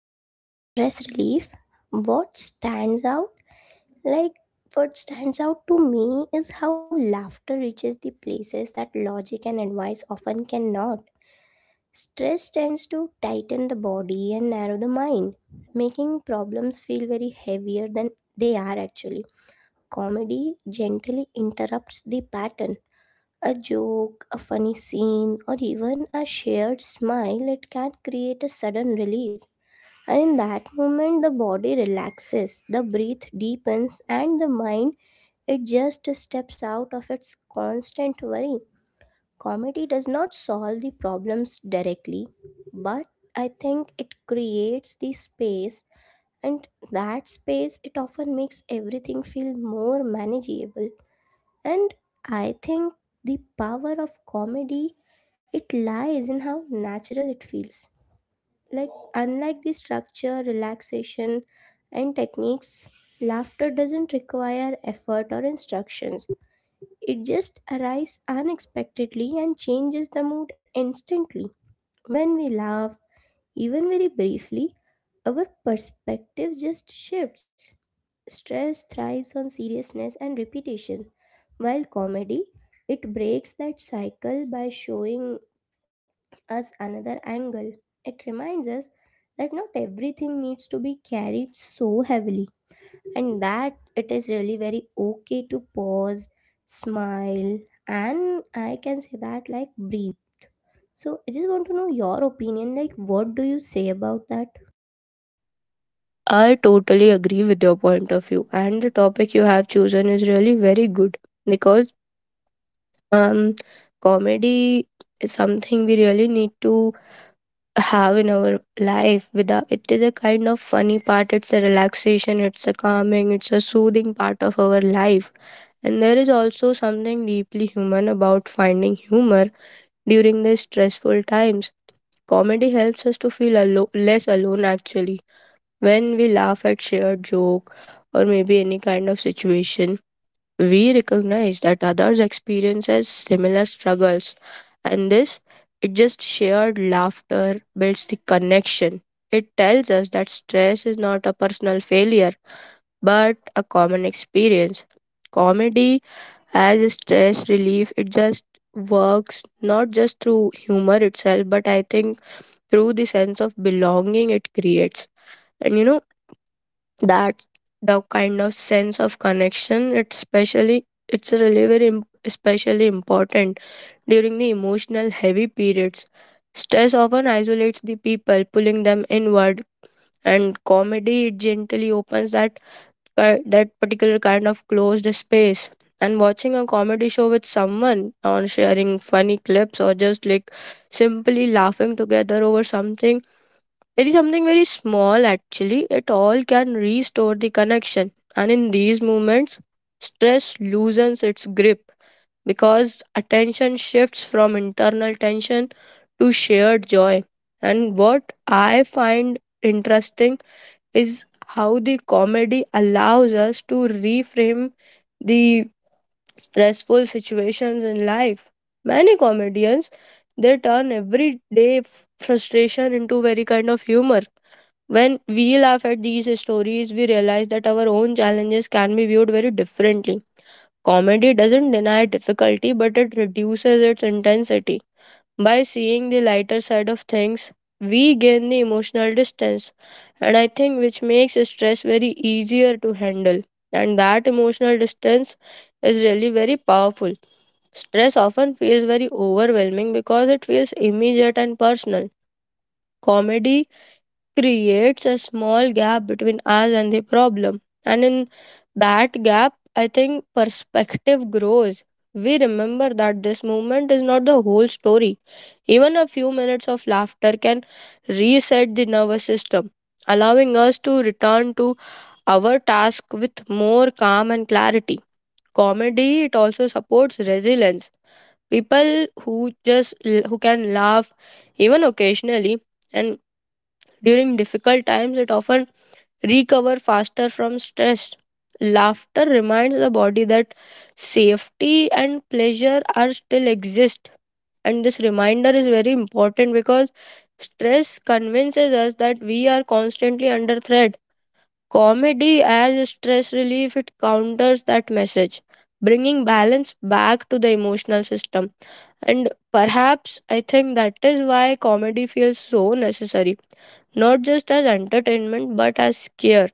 comedy as a stress relief, what stands out, like what stands out to me is how laughter reaches the places that logic and advice often cannot. Stress tends to tighten the body and narrow the mind, making problems feel very heavier than they are actually. Comedy gently interrupts the pattern a joke, a funny scene, or even a shared smile, it can create a sudden release. And in that moment, the body relaxes, the breath deepens, and the mind it just steps out of its constant worry. Comedy does not solve the problems directly, but I think it creates the space, and that space it often makes everything feel more manageable. And I think the power of comedy it lies in how natural it feels. Like unlike the structure, relaxation and techniques, laughter doesn't require effort or instructions. It just arises unexpectedly and changes the mood instantly. When we laugh, even very briefly, our perspective just shifts. Stress thrives on seriousness and repetition, while comedy it breaks that cycle by showing us another angle. It reminds us that not everything needs to be carried so heavily and that it is really very okay to pause, smile, and I can say that like breathe. So I just want to know your opinion, like what do you say about that? I totally agree with your point of view, and the topic you have chosen is really very good because um, comedy is something we really need to have in our life. Without it is a kind of funny part. It's a relaxation. It's a calming. It's a soothing part of our life. And there is also something deeply human about finding humor during the stressful times. Comedy helps us to feel less alone actually when we laugh at shared joke or maybe any kind of situation, we recognize that others experiences similar struggles and this it just shared laughter builds the connection. It tells us that stress is not a personal failure but a common experience. Comedy as a stress relief it just works not just through humor itself, but I think through the sense of belonging it creates. And you know that the kind of sense of connection, it's really very especially important during the emotional heavy periods. Stress often isolates the people, pulling them inward, and comedy it gently opens that that particular kind of closed space. And watching a comedy show with someone on sharing funny clips, or just like simply laughing together over something, it is something very small actually. It all can restore the connection. And in these moments, stress loosens its grip because attention shifts from internal tension to shared joy. And what I find interesting is how the comedy allows us to reframe the stressful situations in life. Many comedians, they turn everyday frustration into very kind of humor. When we laugh at these stories, we realize that our own challenges can be viewed very differently. Comedy doesn't deny difficulty, but it reduces its intensity. By seeing the lighter side of things, we gain the emotional distance, and I think which makes stress very easier to handle. And that emotional distance is really very powerful. Stress often feels very overwhelming because it feels immediate and personal. Comedy creates a small gap between us and the problem. And in that gap, I think perspective grows. We remember that this movement is not the whole story. Even a few minutes of laughter can reset the nervous system, allowing us to return to our task with more calm and clarity. Comedy it also supports resilience. People who just who can laugh even occasionally, and during difficult times, it often recovers faster from stress. Laughter reminds the body that safety and pleasure are still exist. And this reminder is very important because stress convinces us that we are constantly under threat. Comedy as stress relief, it counters that message, bringing balance back to the emotional system. And perhaps I think that is why comedy feels so necessary, not just as entertainment but as care.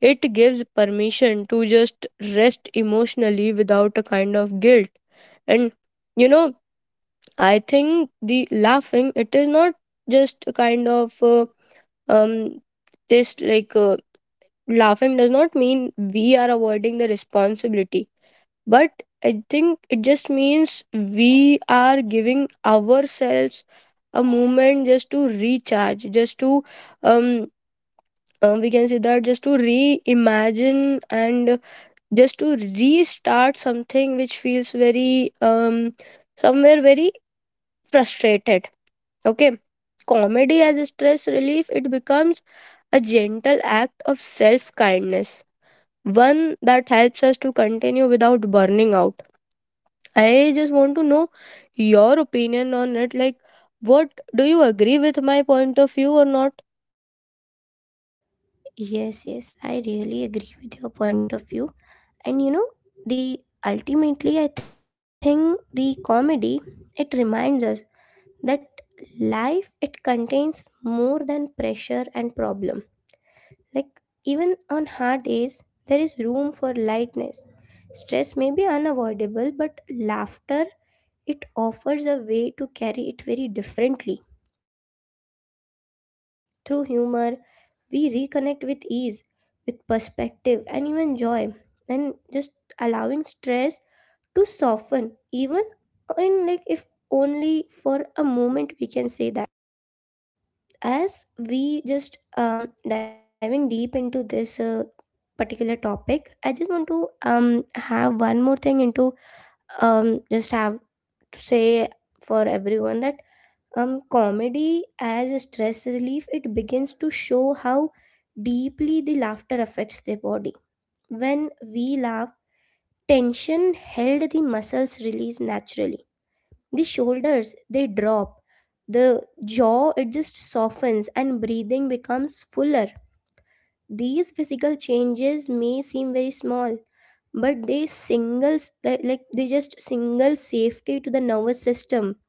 It gives permission to just rest emotionally without a kind of guilt. And you know, I think the laughing it is not just a kind of um just like laughing does not mean we are avoiding the responsibility, but I think it just means we are giving ourselves a moment just to recharge, just to um we can say that just to reimagine and just to restart something which feels very somewhere very frustrated. Okay, comedy as a stress relief it becomes a gentle act of self kindness, one that helps us to continue without burning out. I just want to know your opinion on it, like what, do you agree with my point of view or not? Yes, yes, I really agree with your point of view. And you know, the ultimately, I think the comedy it reminds us that life it contains more than pressure and problem. Like even on hard days, there is room for lightness. Stress may be unavoidable, but laughter it offers a way to carry it very differently through humor we reconnect with ease, with perspective, and even joy, and just allowing stress to soften, even in like if only for a moment, we can say that. As we just diving deep into this particular topic, I just want to have one more thing into just have to say for everyone that comedy as a stress relief, it begins to show how deeply the laughter affects the body. When we laugh, tension held the muscles release naturally. The shoulders they drop, the jaw it just softens and breathing becomes fuller. These physical changes may seem very small, but they singles like they just single safety to the nervous system.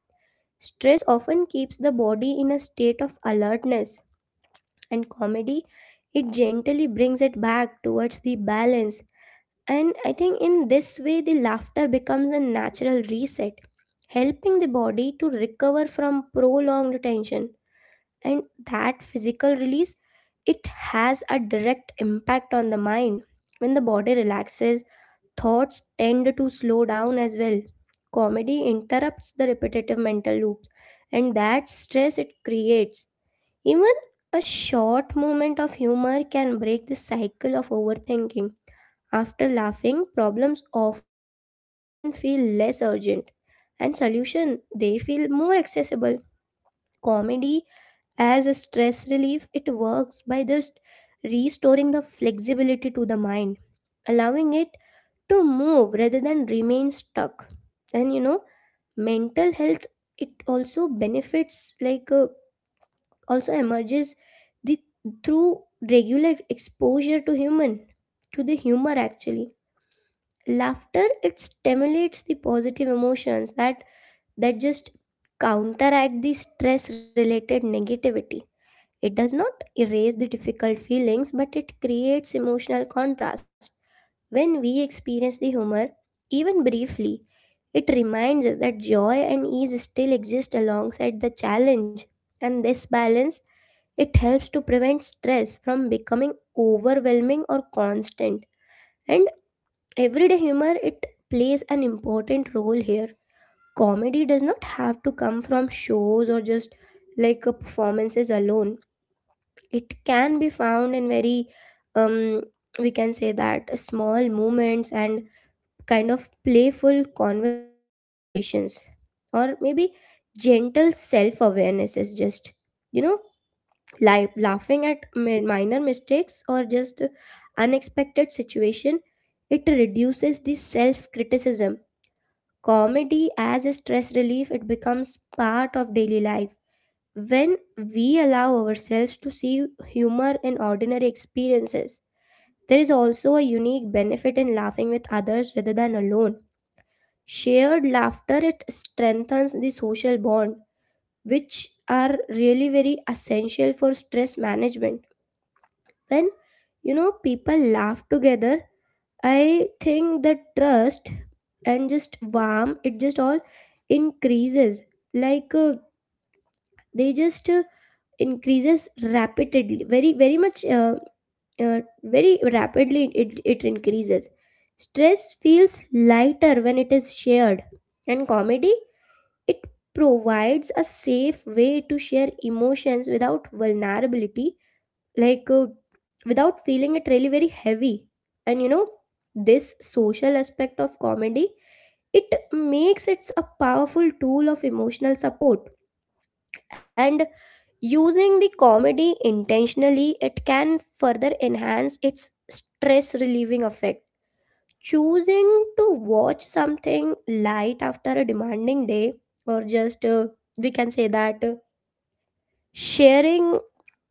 Stress often keeps the body in a state of alertness, and comedy it gently brings it back towards the balance. And I think in this way, the laughter becomes a natural reset, helping the body to recover from prolonged tension. And that physical release, it has a direct impact on the mind. When the body relaxes, thoughts tend to slow down as well. Comedy interrupts the repetitive mental loops and that stress it creates. Even a short moment of humor can break the cycle of overthinking. After laughing, problems often feel less urgent and solution they feel more accessible. Comedy as a stress relief it works by just restoring the flexibility to the mind allowing it to move rather than remain stuck. And you know, mental health it also benefits also emerges the through regular exposure to human to the humor actually. Laughter it stimulates the positive emotions that just counteract the stress related negativity. It does not erase the difficult feelings but it creates emotional contrast. When we experience the humor, even briefly, it reminds us that joy and ease still exist alongside the challenge, and this balance it helps to prevent stress from becoming overwhelming or constant. And everyday humor it plays an important role here. Comedy does not have to come from shows or just performances alone. It can be found in very um we can say that small moments and kind of playful conversations or maybe gentle self awareness is just you know like laughing at minor mistakes or just unexpected situation, it reduces the self criticism. Comedy as a stress relief it becomes part of daily life when we allow ourselves to see humor in ordinary experiences. There is also a unique benefit in laughing with others rather than alone. Shared laughter it strengthens the social bond, which are really very essential for stress management. When you know people laugh together, I think the trust and just warm it just all increases. Like uh, they just increases rapidly, very very much very rapidly it increases. Stress feels lighter when it is shared, and comedy it provides a safe way to share emotions without vulnerability, like uh, without feeling it really very heavy. And you know, this social aspect of comedy, it makes it a powerful tool of emotional support. And using the comedy intentionally, it can further enhance its stress relieving effect. Choosing to watch something light after a demanding day, or just we can say that. Sharing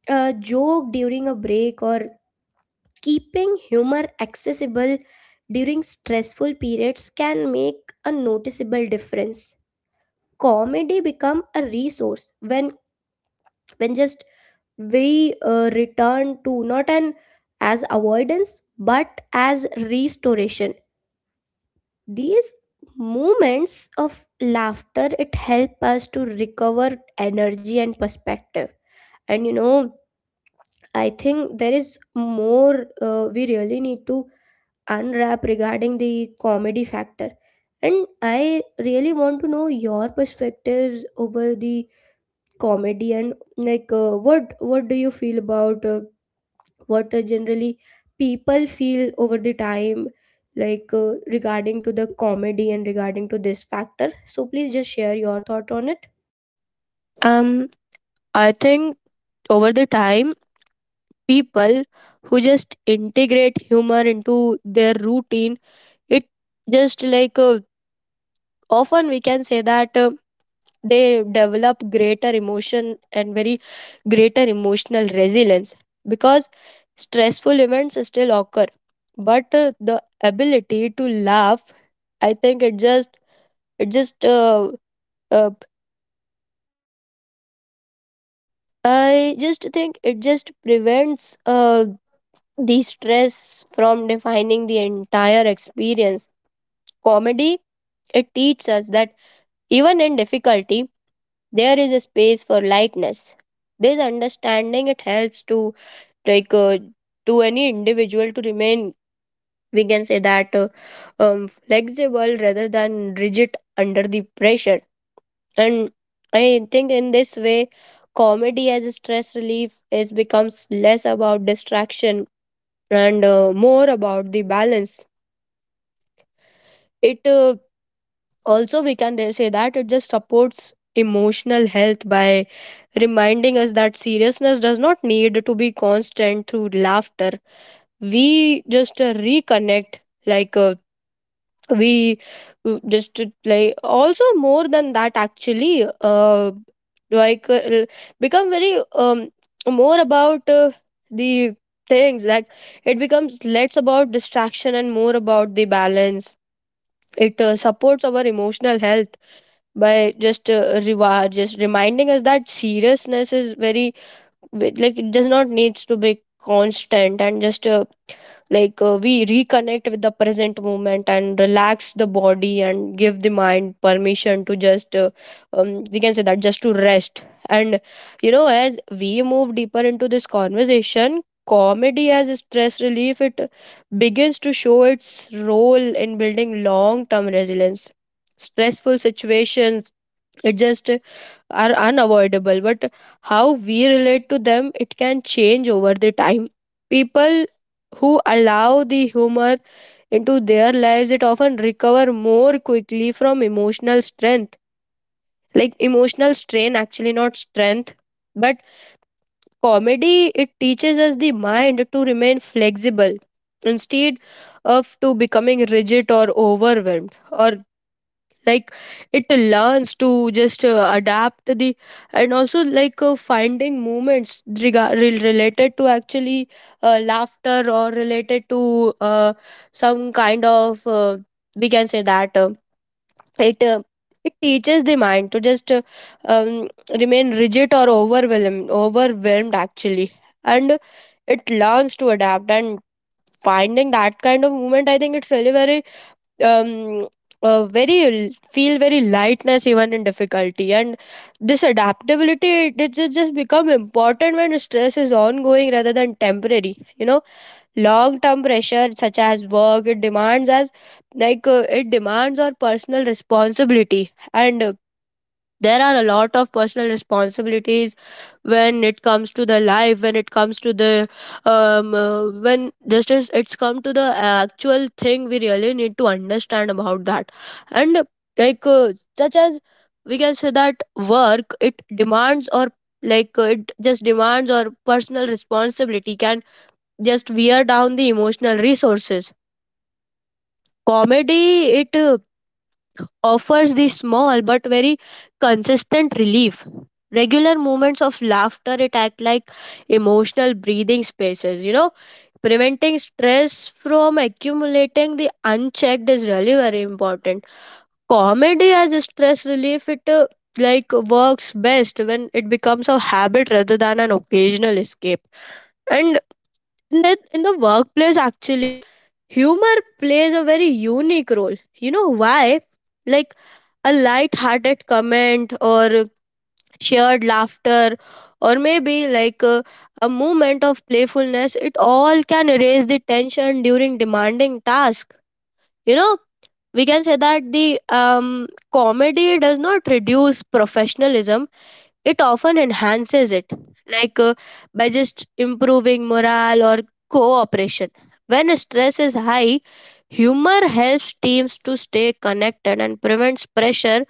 a joke during a break or keeping humor accessible during stressful periods can make a noticeable difference. Comedy become a resource when just we return to not an as avoidance but as restoration. These moments of laughter it help us to recover energy and perspective. And you know, I think there is more we really need to unwrap regarding the comedy factor. And I really want to know your perspectives over the comedy and what do you feel about what generally people feel over the time regarding to the comedy and regarding to this factor. So please just share your thought on it. um I think over the time, people who just integrate humor into their routine, it just like often, we can say that, they develop greater emotion and very greater emotional resilience, because stressful events still occur, but the ability to laugh, I think it just uh, I just think it just prevents uh, the stress from defining the entire experience. Comedy, it teaches us that even in difficulty, there is a space for lightness. This understanding it helps to like uh, to any individual to remain, we can say that, flexible rather than rigid under the pressure. And I think in this way, comedy as a stress relief is becomes less about distraction and more about the balance. It also, we can there say that it just supports emotional health by reminding us that seriousness does not need to be constant. Through laughter we just reconnect, like we just like also more than that actually, like uh, l- become very more about the things like it becomes less about distraction and more about the balance. It supports our emotional health by just just reminding us that seriousness is very like, it does not needs to be constant, and just we reconnect with the present moment and relax the body and give the mind permission to just we can say that just to rest. And you know, as we move deeper into this conversation, comedy as a stress relief it begins to show its role in building long term resilience. Stressful situations, it just are unavoidable, but how we relate to them, it can change over the time. People who allow the humor into their lives, it often recover more quickly from emotional strength, like emotional strain actually, not strength. But comedy it teaches us the mind to remain flexible instead of to becoming rigid or overwhelmed, or like, it learns to just adapt the, and also finding movements related to actually, laughter, or related to, some kind of, we can say that, it uh, it teaches the mind to just um, remain rigid or overwhelmed actually. And it learns to adapt, and finding that kind of movement, I think it's really very um, very, feel very lightness even in difficulty. And this adaptability it just become important when stress is ongoing rather than temporary, you know. Long term pressure such as work it demands as, it demands our personal responsibility, and there are a lot of personal responsibilities when it comes to the life, when it comes to the when just as it's come to the actual thing we really need to understand about that. And like uh, such as, we can say that work it demands, or it just demands or personal responsibility can just wear down the emotional resources. Comedy it offers the small but very consistent relief. Regular moments of laughter, it act like emotional breathing spaces, you know, preventing stress from accumulating the unchecked is really very important. Comedy as a stress relief, it like works best when it becomes a habit rather than an occasional escape. And in the workplace, actually, humor plays a very unique role. You know why? Like a light-hearted comment, or shared laughter, or maybe a moment of playfulness, it all can erase the tension during demanding task. You know, we can say that the comedy does not reduce professionalism, it often enhances it, like uh, by just improving morale or cooperation. When stress is high, humor helps teams to stay connected and prevents pressure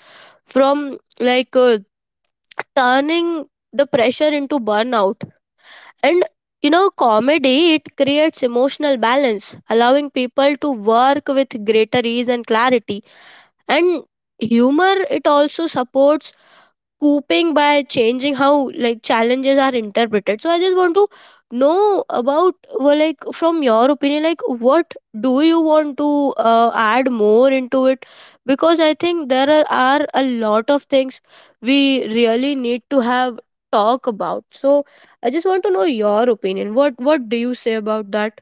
from turning the pressure into burnout. And you know, comedy it creates emotional balance, allowing people to work with greater ease and clarity. And humor it also supports coping by changing how like challenges are interpreted. So I just want to know about, well, like from your opinion, like what do you want to add more into it, because I think are a lot of things we really need to have talk about. So I just want to know your opinion, what do you say about that?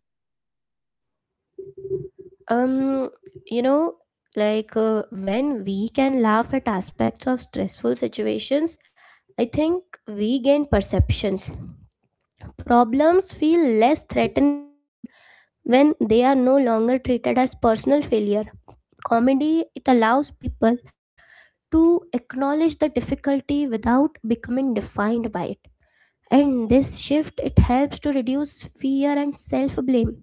um you know, when we can laugh at aspects of stressful situations I think we gain perceptions. Problems feel less threatening when they are no longer treated as personal failure. Comedy it allows people to acknowledge the difficulty without becoming defined by it. And this shift it helps to reduce fear and self blame,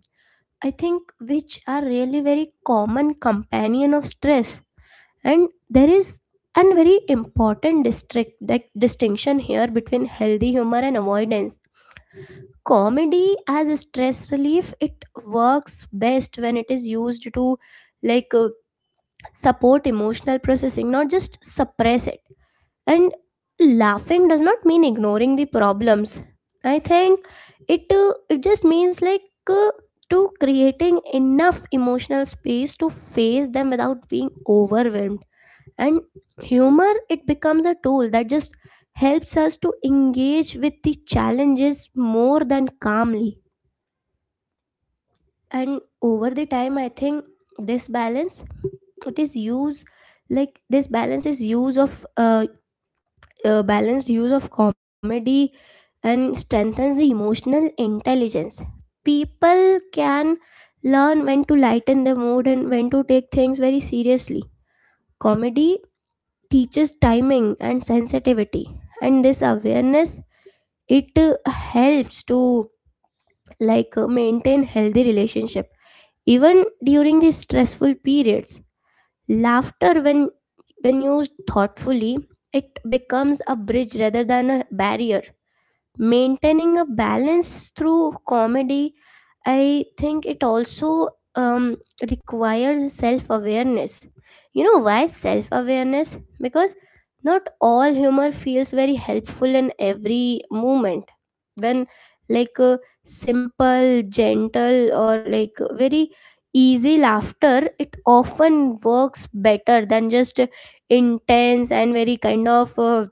I think which are really very common companion of stress. And there is a very important district like distinction here between healthy humor and avoidance. Comedy as a stress relief, it works best when it is used to like uh, support emotional processing, not just suppress it. And laughing does not mean ignoring the problems. I think it it just means uh, to creating enough emotional space to face them without being overwhelmed. And humor it becomes a tool that just helps us to engage with the challenges more than calmly. And over the time, I think this balance it is use like this balance is use of balanced use of comedy and strengthens the emotional intelligence. People can learn when to lighten the mood and when to take things very seriously. Comedy teaches timing and sensitivity, and this awareness it helps to maintain healthy relationship even during the stressful periods. Laughter when used thoughtfully, it becomes a bridge rather than a barrier. Maintaining a balance through comedy I think it also um, requires self awareness. You know why self awareness? Because not all humor feels very helpful in every moment. When like a simple gentle or like very easy laughter it often works better than just intense and very kind of uh,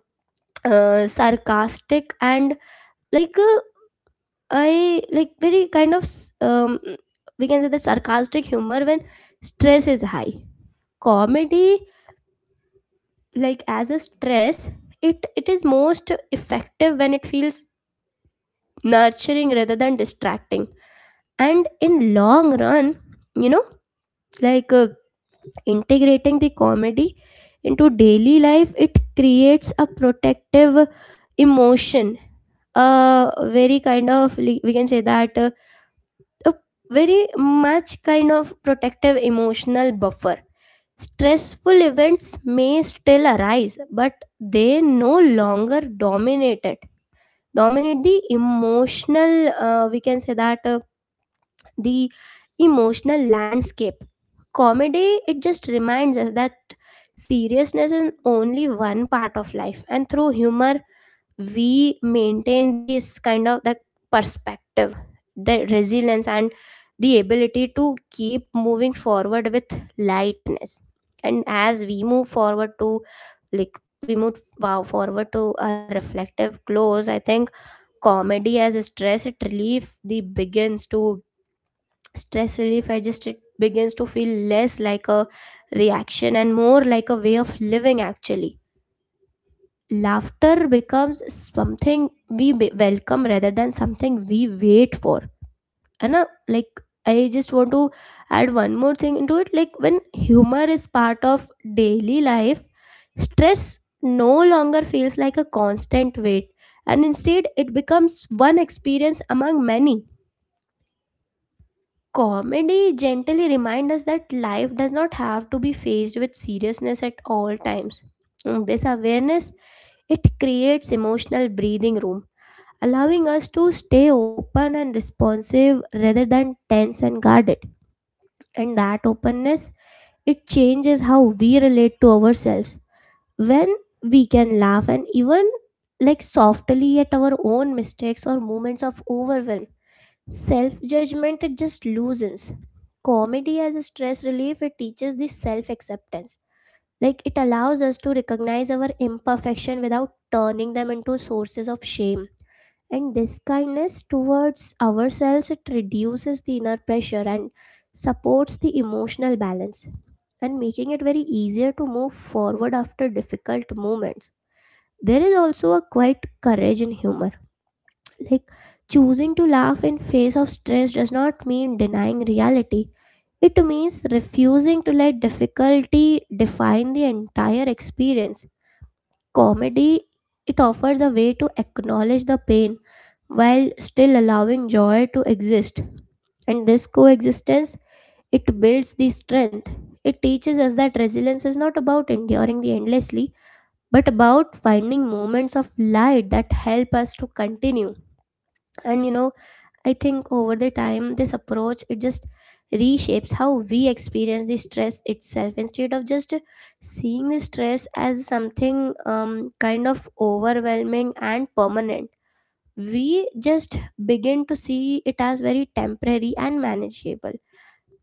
uh, sarcastic and like I like very kind of s- we can say that sarcastic humor when stress is high. Comedy, like as a stress, it is most effective when it feels nurturing rather than distracting. And in long run, you know, like uh, integrating the comedy into daily life, it creates a protective emotion, a very kind of like, we can say that a very much kind of protective emotional buffer. Stressful events may still arise, but they no longer dominate it. Dominate the emotional, we can say that the emotional landscape. Comedy, it just reminds us that seriousness is only one part of life, and through humor, we maintain this kind of that perspective, the resilience, and the ability to keep moving forward with lightness. And as we move forward to forward to a reflective close, I think comedy as a stress it relief the begins to stress relief, I just it begins to feel less like a reaction and more like a way of living, actually. Laughter becomes something we welcome rather than something we wait for. And uh, like i just want to add one more thing into it. Like, when humor is part of daily life, stress no longer feels like a constant weight, and instead it becomes one experience among many. Comedy gently reminds us that life does not have to be faced with seriousness at all times. This awareness, it creates emotional breathing room, allowing us to stay open and responsive rather than tense and guarded. And that openness, it changes how we relate to ourselves. When we can laugh, and even like softly, at our own mistakes or moments of overwhelm, self judgment it just loosens. Comedy as a stress relief, it teaches this self acceptance. Like, it allows us to recognize our imperfection without turning them into sources of shame. And this kindness towards ourselves, it reduces the inner pressure and supports the emotional balance, and making it very easier to move forward after difficult moments. There is also a quiet courage in humor. Like, choosing to laugh in face of stress does not mean denying reality. It means refusing to let difficulty define the entire experience. Comedy, it offers a way to acknowledge the pain while still allowing joy to exist. And this coexistence, it builds the strength. It teaches us that resilience is not about enduring the endlessly, but about finding moments of light that help us to continue. And you know, I think over the time, this approach it just reshapes how we experience the stress itself. Instead of just seeing the stress as something kind of overwhelming and permanent, we just begin to see it as very temporary and manageable.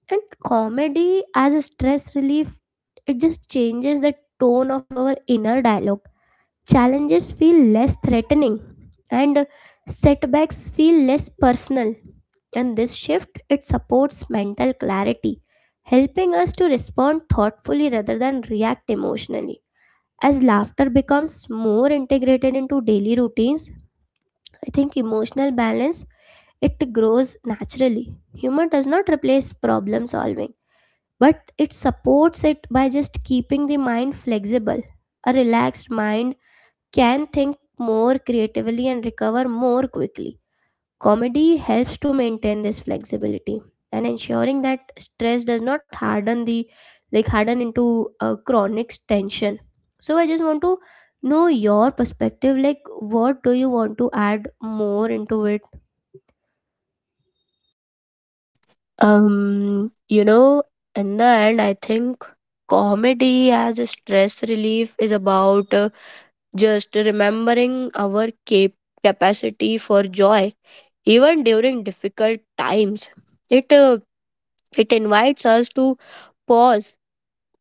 And comedy as a stress relief, it just changes the tone of our inner dialogue. Challenges feel less threatening, and setbacks feel less personal. And this shift, it supports mental clarity, helping us to respond thoughtfully rather than react emotionally. As laughter becomes more integrated into daily routines, I think emotional balance, it grows naturally. Humor does not replace problem solving, but it supports it by just keeping the mind flexible. A relaxed mind can think more creatively and recover more quickly. Comedy helps to maintain this flexibility, and ensuring that stress does not harden the like harden into a chronic tension. So I just want to know your perspective, like, what do you want to add more into it? Um, you know, in the end, I think comedy as a stress relief is about just remembering our capacity for joy, even during difficult times. It it invites us to pause.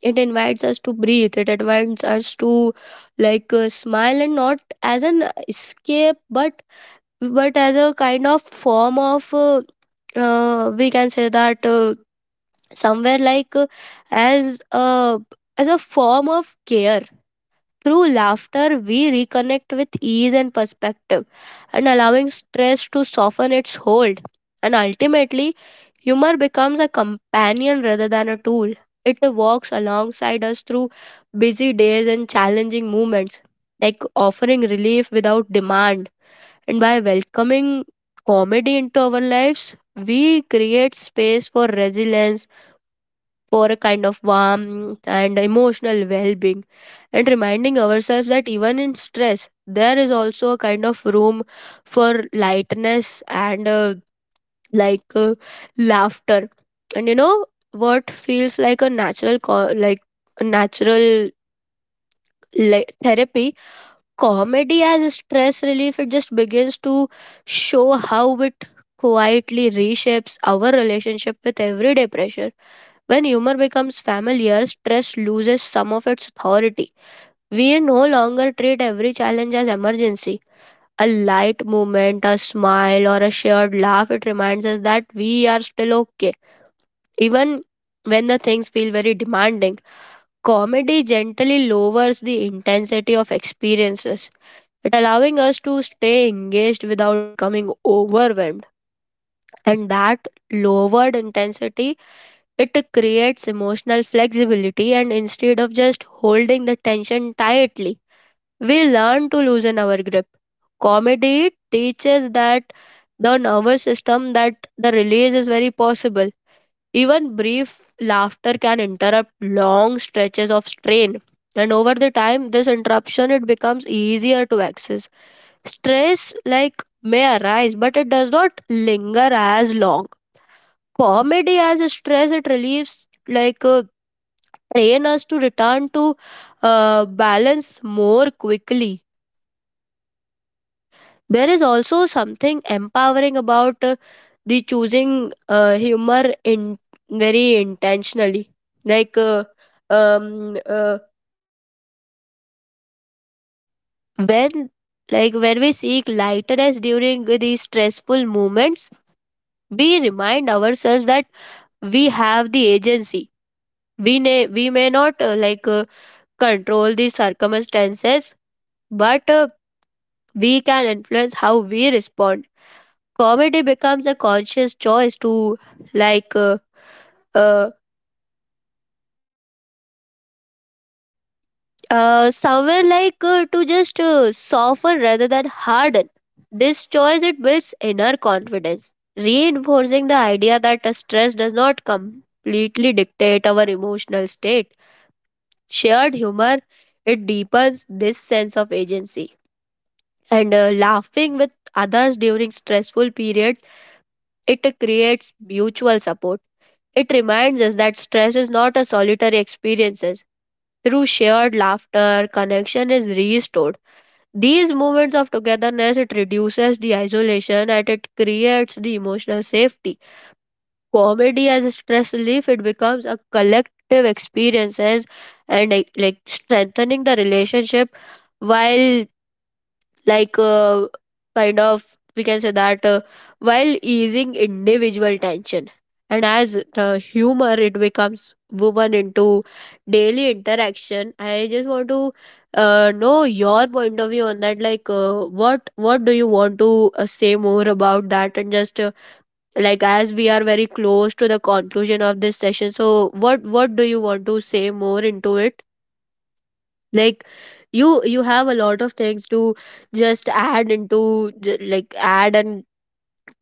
It invites us to breathe. It invites us to smile, and not as an escape, but as a kind of form of we can say that, somewhere as a as a form of care. Through laughter, we reconnect with ease and perspective, and allowing stress to soften its hold. And ultimately, humor becomes a companion rather than a tool. It walks alongside us through busy days and challenging moments, like offering relief without demand. And by welcoming comedy into our lives, we create space for resilience, for a kind of warmth and emotional well being, and reminding ourselves that even in stress, there is also a kind of room for lightness and like uh, laughter. And you know what feels like a natural, like a natural like therapy comedy as a stress relief, it just begins to show how it quietly reshapes our relationship with everyday pressure. When humor becomes familiar, stress loses some of its authority. We no longer treat every challenge as emergency. A light movement, a smile, or a shared laugh, it reminds us that we are still okay. Even when the things feel very demanding, comedy gently lowers the intensity of experiences, it allowing us to stay engaged without becoming overwhelmed, and that lowered intensity, it creates emotional flexibility, and instead of just holding the tension tightly, we learn to loosen our grip. Comedy teaches that the nervous system, that the release is very possible. Even brief laughter can interrupt long stretches of strain. And over the time, this interruption it becomes easier to access. Stress like may arise, but it does not linger as long. Comedy as a stress, it relieves like train us to return to balance more quickly. There is also something empowering about the choosing humor in very intentionally. Like uh, um, uh, when like when we seek lightness during these stressful moments, we remind ourselves that we have the agency. We may not control the circumstances, but we can influence how we respond. Comedy becomes a conscious choice to, like, uh, somewhere like to just soften rather than harden. This choice it builds inner confidence, reinforcing the idea that stress does not completely dictate our emotional state. Shared humor, it deepens this sense of agency, and laughing with others during stressful periods, it creates mutual support. It reminds us that stress is not a solitary experience. Through shared laughter, connection is restored. These moments of togetherness, it reduces the isolation and it creates the emotional safety. Comedy as a stress relief, it becomes a collective experiences, and strengthening the relationship while like uh, kind of we can say that while easing individual tension, and as the humor it becomes woven into daily interaction, I just want to know your point of view on that, what do you want to say more about that, and just like as we are very close to the conclusion of this session, so what do you want to say more into it, like you have a lot of things to just add into j- like add and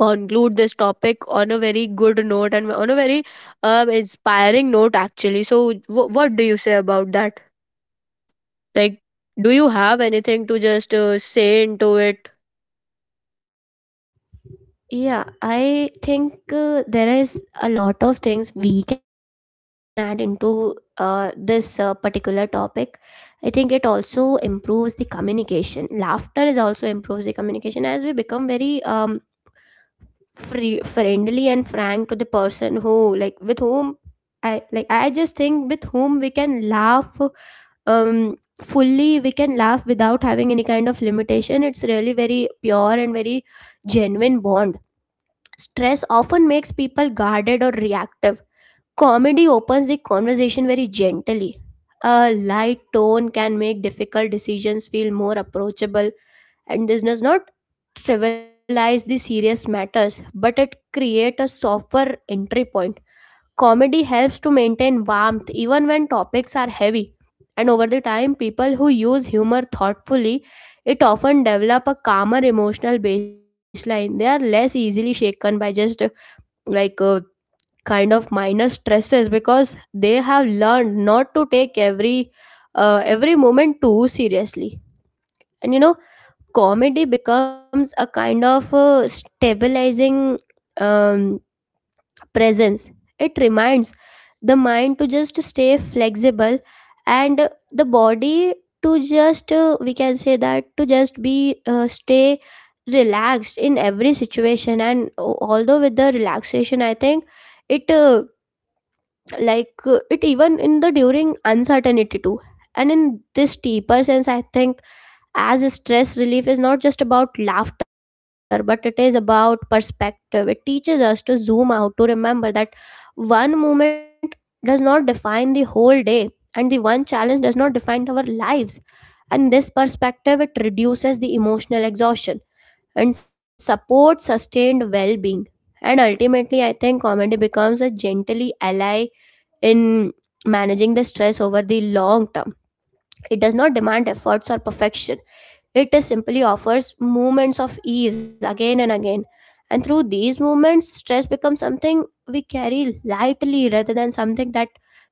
conclude this topic on a very good note and on a very inspiring note, actually. So what do you say about that, like, do you have anything to just say into it? Yeah, I think there is a lot of things we can add into this particular topic. I think it also improves the communication. Laughter is also improves the communication, as we become very free, friendly and frank to the person who, like, with whom I like. I just think, with whom we can laugh um fully, we can laugh without having any kind of limitation. It's really very pure and very genuine bond. Stress often makes people guarded or reactive. Comedy opens the conversation very gently. A light tone can make difficult decisions feel more approachable, and this does not trivialize the serious matters, but it creates a softer entry point. Comedy helps to maintain warmth even when topics are heavy. And over the time, people who use humor thoughtfully, it often develop a calmer emotional baseline. They are less easily shaken by just like uh, kind of minor stresses, because they have learned not to take every moment too seriously. And you know, comedy becomes a kind of stabilizing um, presence. It reminds the mind to just stay flexible, and the body to just, we can say that, to just be stay relaxed in every situation. And although with the relaxation, I think it uh, it even in the during uncertainty too. And in this deeper sense, I think as stress relief is not just about laughter, but it is about perspective. It teaches us to zoom out, to remember that one moment does not define the whole day, and the one challenge does not define our lives. And this perspective, it reduces the emotional exhaustion and supports sustained well-being. And ultimately, I think comedy becomes a gently ally in managing the stress over the long term. It does not demand efforts or perfection. It simply offers moments of ease again and again. And through these moments, stress becomes something we carry lightly rather than something that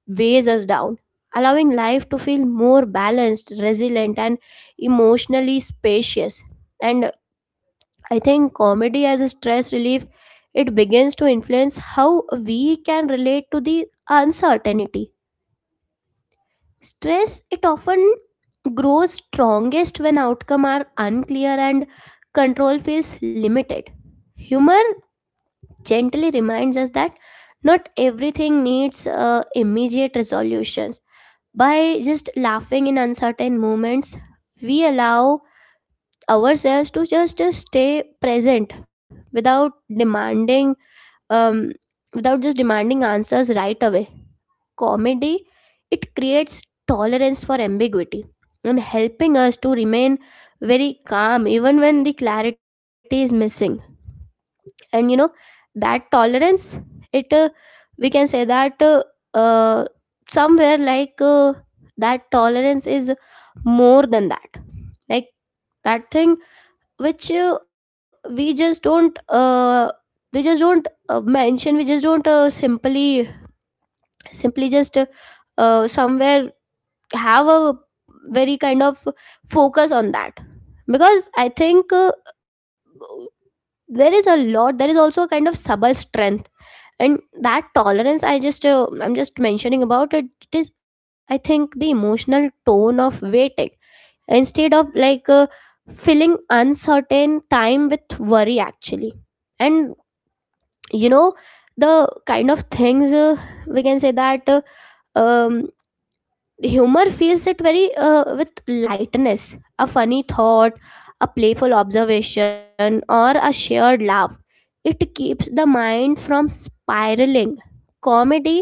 weighs us down, allowing life to feel more balanced, resilient, and emotionally spacious. And I think comedy as a stress relief, it begins to influence how we can relate to the uncertainty. Stress, it often grows strongest when outcome are unclear and control feels limited. Humor gently reminds us that not everything needs immediate resolutions. By just laughing in uncertain moments, we allow ourselves to just stay present without demanding um, without just demanding answers right away. Comedy, it creates tolerance for ambiguity, and helping us to remain very calm even when the clarity is missing. And you know, that tolerance, it we can say that, uh, somewhere like that tolerance is more than that. Like, that thing which we just don't mention, we just don't simply just somewhere have a very kind of focus on that. Because I think, there is also a kind of subtle strength. And that tolerance, I'm just mentioning about it, it is, I think, the emotional tone of waiting, instead of filling uncertain time with worry, actually. And you know, the kind of things we can say that, um humor feels it very with lightness. A funny thought, a playful observation, or a shared laugh, it keeps the mind from spiraling. Comedy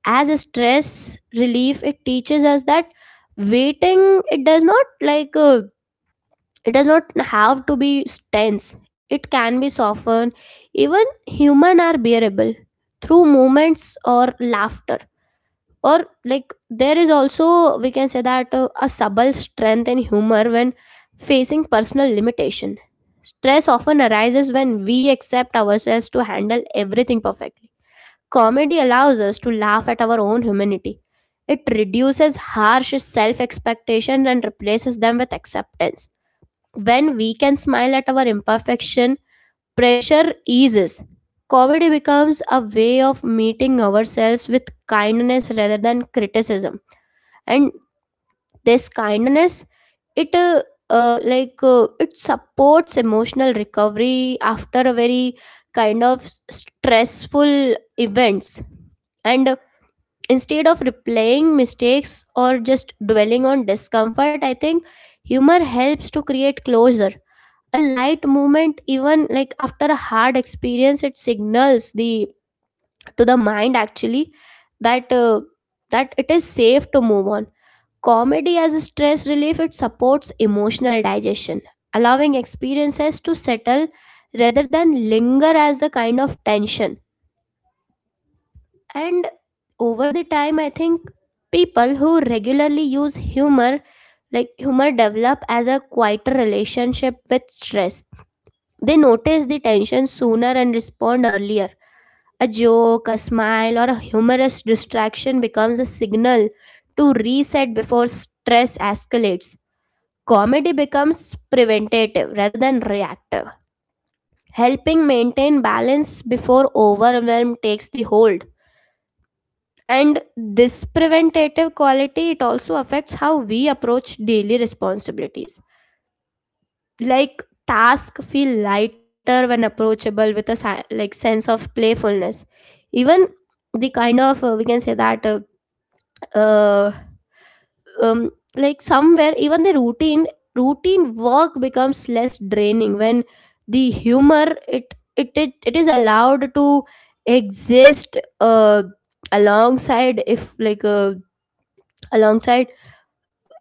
as a stress relief, it teaches us that waiting it does not like it does not have to be tense. It can be softened. Even human are bearable through moments or laughter. Or like, there is also, we can say that, a subtle strength and humor when facing personal limitation. Stress often arises when we accept ourselves to handle everything perfectly. Comedy allows us to laugh at our own humanity. It reduces harsh self expectations and replaces them with acceptance. When we can smile at our imperfection, pressure eases. Comedy becomes a way of meeting ourselves with kindness rather than criticism. And this kindness, it uh, it supports emotional recovery after a very kind of stressful events. And instead of replaying mistakes or just dwelling on discomfort, I think humor helps to create closure. A light movement, even like after a hard experience, it signals the to the mind, actually, that that it is safe to move on. Comedy as a stress relief, it supports emotional digestion, allowing experiences to settle rather than linger as a kind of tension. And over the time, I think people who regularly use humor, like humor develop as a quieter relationship with stress. They notice the tension sooner and respond earlier. A joke, a smile, or a humorous distraction becomes a signal to reset before stress escalates. Comedy becomes preventative rather than reactive, helping maintain balance before overwhelm takes the hold. And this preventative quality, it also affects how we approach daily responsibilities. Like, tasks feel lighter when approachable with a like sense of playfulness. Even the kind of, we can say that, uh, um, like somewhere, even the routine work becomes less draining when the humor it is allowed to exist alongside if like alongside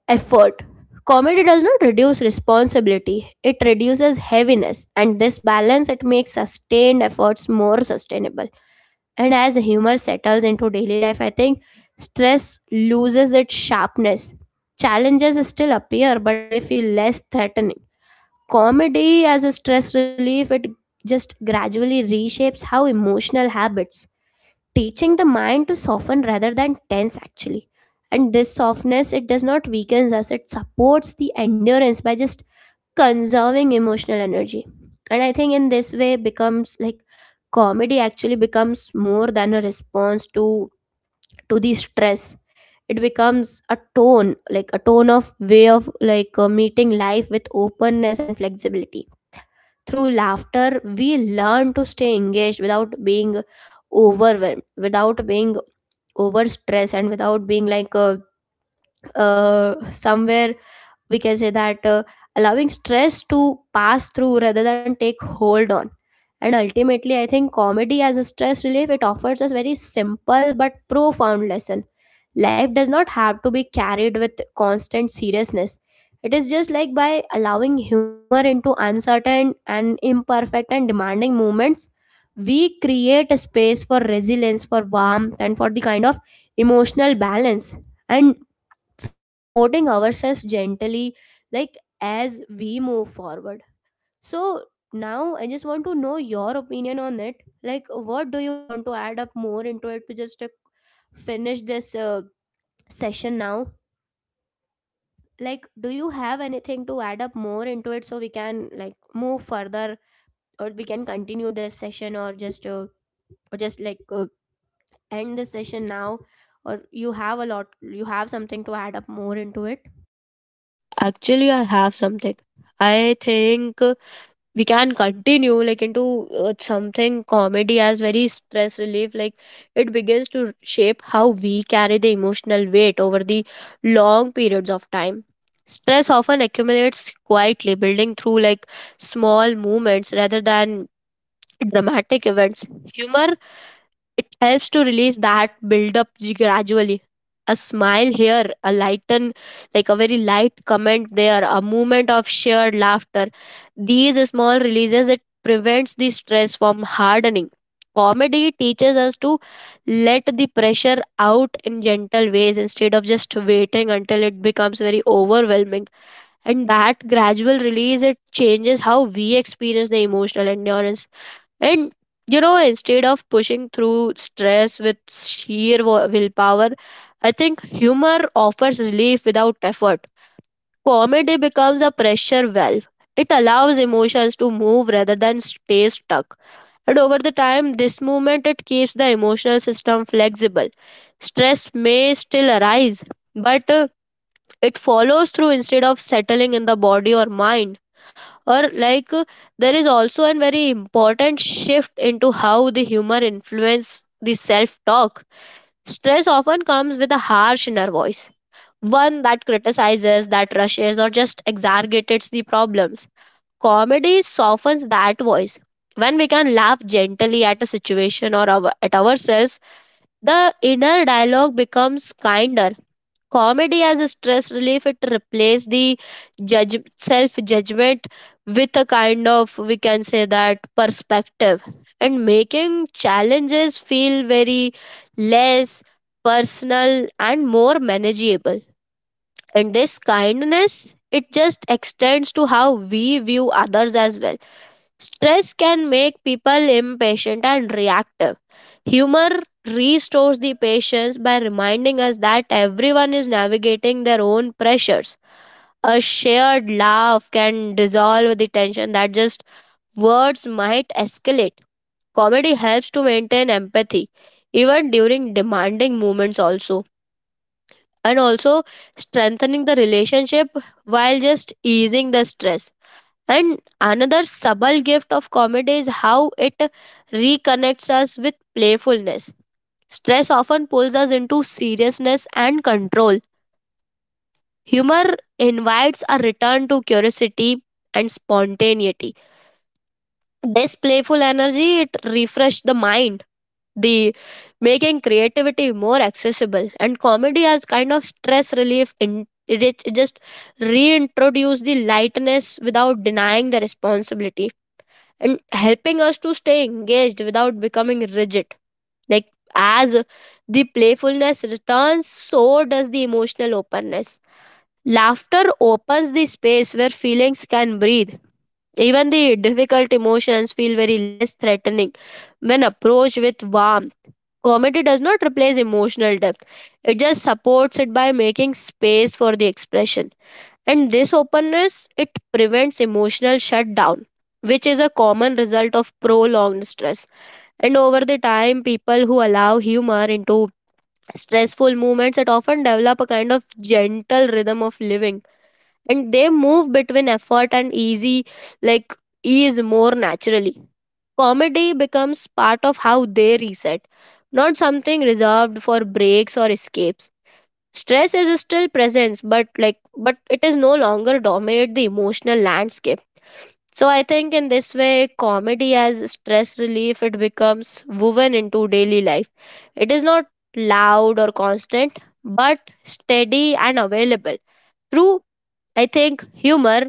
effort. Comedy does not reduce responsibility, it reduces heaviness, and this balance, it makes sustained efforts more sustainable. And as humor settles into daily life, I think stress loses its sharpness. Challenges still appear, but they feel less threatening. Comedy as a stress relief, it just gradually reshapes how emotional habits, teaching the mind to soften rather than tense, actually. And this softness, it does not weakens us, it supports the endurance by just conserving emotional energy. And I think in this way becomes, like, comedy actually becomes more than a response to the stress. It becomes a tone, like a tone of way of, meeting life with openness and flexibility. Through laughter, we learn to stay engaged without being overwhelmed, without being over stress, and without being like somewhere we can say that, allowing stress to pass through rather than take hold on. And ultimately, I think comedy as a stress relief, it offers us very simple but profound lesson. Life does not have to be carried with constant seriousness. It is just like by allowing humor into uncertain and imperfect and demanding moments, we create a space for resilience, for warmth, and for the kind of emotional balance, and supporting ourselves gently, like, as we move forward. So now I just want to know your opinion on it. Like, what do you want to add up more into it, to just finish this session now? Like, do you have anything to add up more into it, so we can like move further, or we can continue this session, or just or just like uh, end the session now? Or you have a lot, you have something to add up more into it? Actually, I have something. I think we can continue like into something comedy as very stress relief, like it begins to shape how we carry the emotional weight over the long periods of time. Stress often accumulates quietly, building through like small movements rather than dramatic events. Humor, it helps to release that build up gradually. A smile here, a lighten, like a very light comment there, a moment of shared laughter. These small releases, it prevents the stress from hardening. Comedy teaches us to let the pressure out in gentle ways instead of just waiting until it becomes very overwhelming. And that gradual release, it changes how we experience the emotional endurance, and you know, instead of pushing through stress with sheer willpower, I think humor offers relief without effort. Comedy becomes a pressure valve. It allows emotions to move rather than stay stuck. And over the time, this movement it keeps the emotional system flexible. Stress may still arise, but it follows through instead of settling in the body or mind, or there is also a very important shift into how the humor influence the self talk. Stress often comes with a harsh inner voice, one that criticizes, that rushes or just exaggerates the problems. Comedy softens that voice. When we can laugh gently at a situation or our, at ourselves, the inner dialogue becomes kinder. Comedy as a stress relief, it replaced the judge self judgment with a kind of, we can say that, perspective, and making challenges feel very less personal and more manageable. And this kindness, it just extends to how we view others as well. Stress can make people impatient and reactive. Humor restores the patience by reminding us that everyone is navigating their own pressures. A shared laugh can dissolve the tension that just words might escalate. Comedy helps to maintain empathy, even during demanding moments, also, and also strengthening the relationship while just easing the stress. And another subtle gift of comedy is how it reconnects us with playfulness. Stress often pulls us into seriousness and control. Humor invites a return to curiosity and spontaneity. This playful energy, it refreshes the mind, the making creativity more accessible. And comedy as kind of stress relief in it just reintroduce the lightness without denying the responsibility, and helping us to stay engaged without becoming rigid. Like, as the playfulness returns, so does the emotional openness. Laughter opens the space where feelings can breathe. Even the difficult emotions feel very less threatening when approached with warmth. Comedy does not replace emotional depth, it just supports it by making space for the expression, and this openness, it prevents emotional shutdown, which is a common result of prolonged stress. And over the time, people who allow humor into stressful movements, it often develop a kind of gentle rhythm of living, and they move between effort and easy, like ease, more naturally. Comedy becomes part of how they reset, not something reserved for breaks or escapes. Stress is still present, but like but it is no longer dominate the emotional landscape. So I think in this way, comedy as stress relief, it becomes woven into daily life. It is not loud or constant, but steady and available. Through, I think, humor,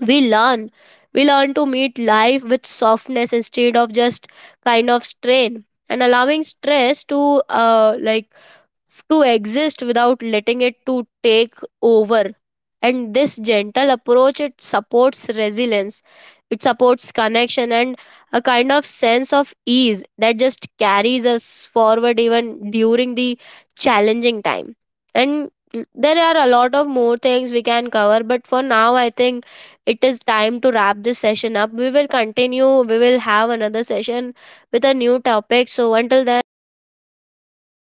we learn. We learn to meet life with softness instead of just kind of strain, and allowing stress to like to exist without letting it to take over. And this gentle approach, it supports resilience, it supports connection, and a kind of sense of ease that just carries us forward, even during the challenging time. And there are a lot of more things we can cover, but for now I think it is time to wrap this session up. We will continue, we will have another session with a new topic. So until then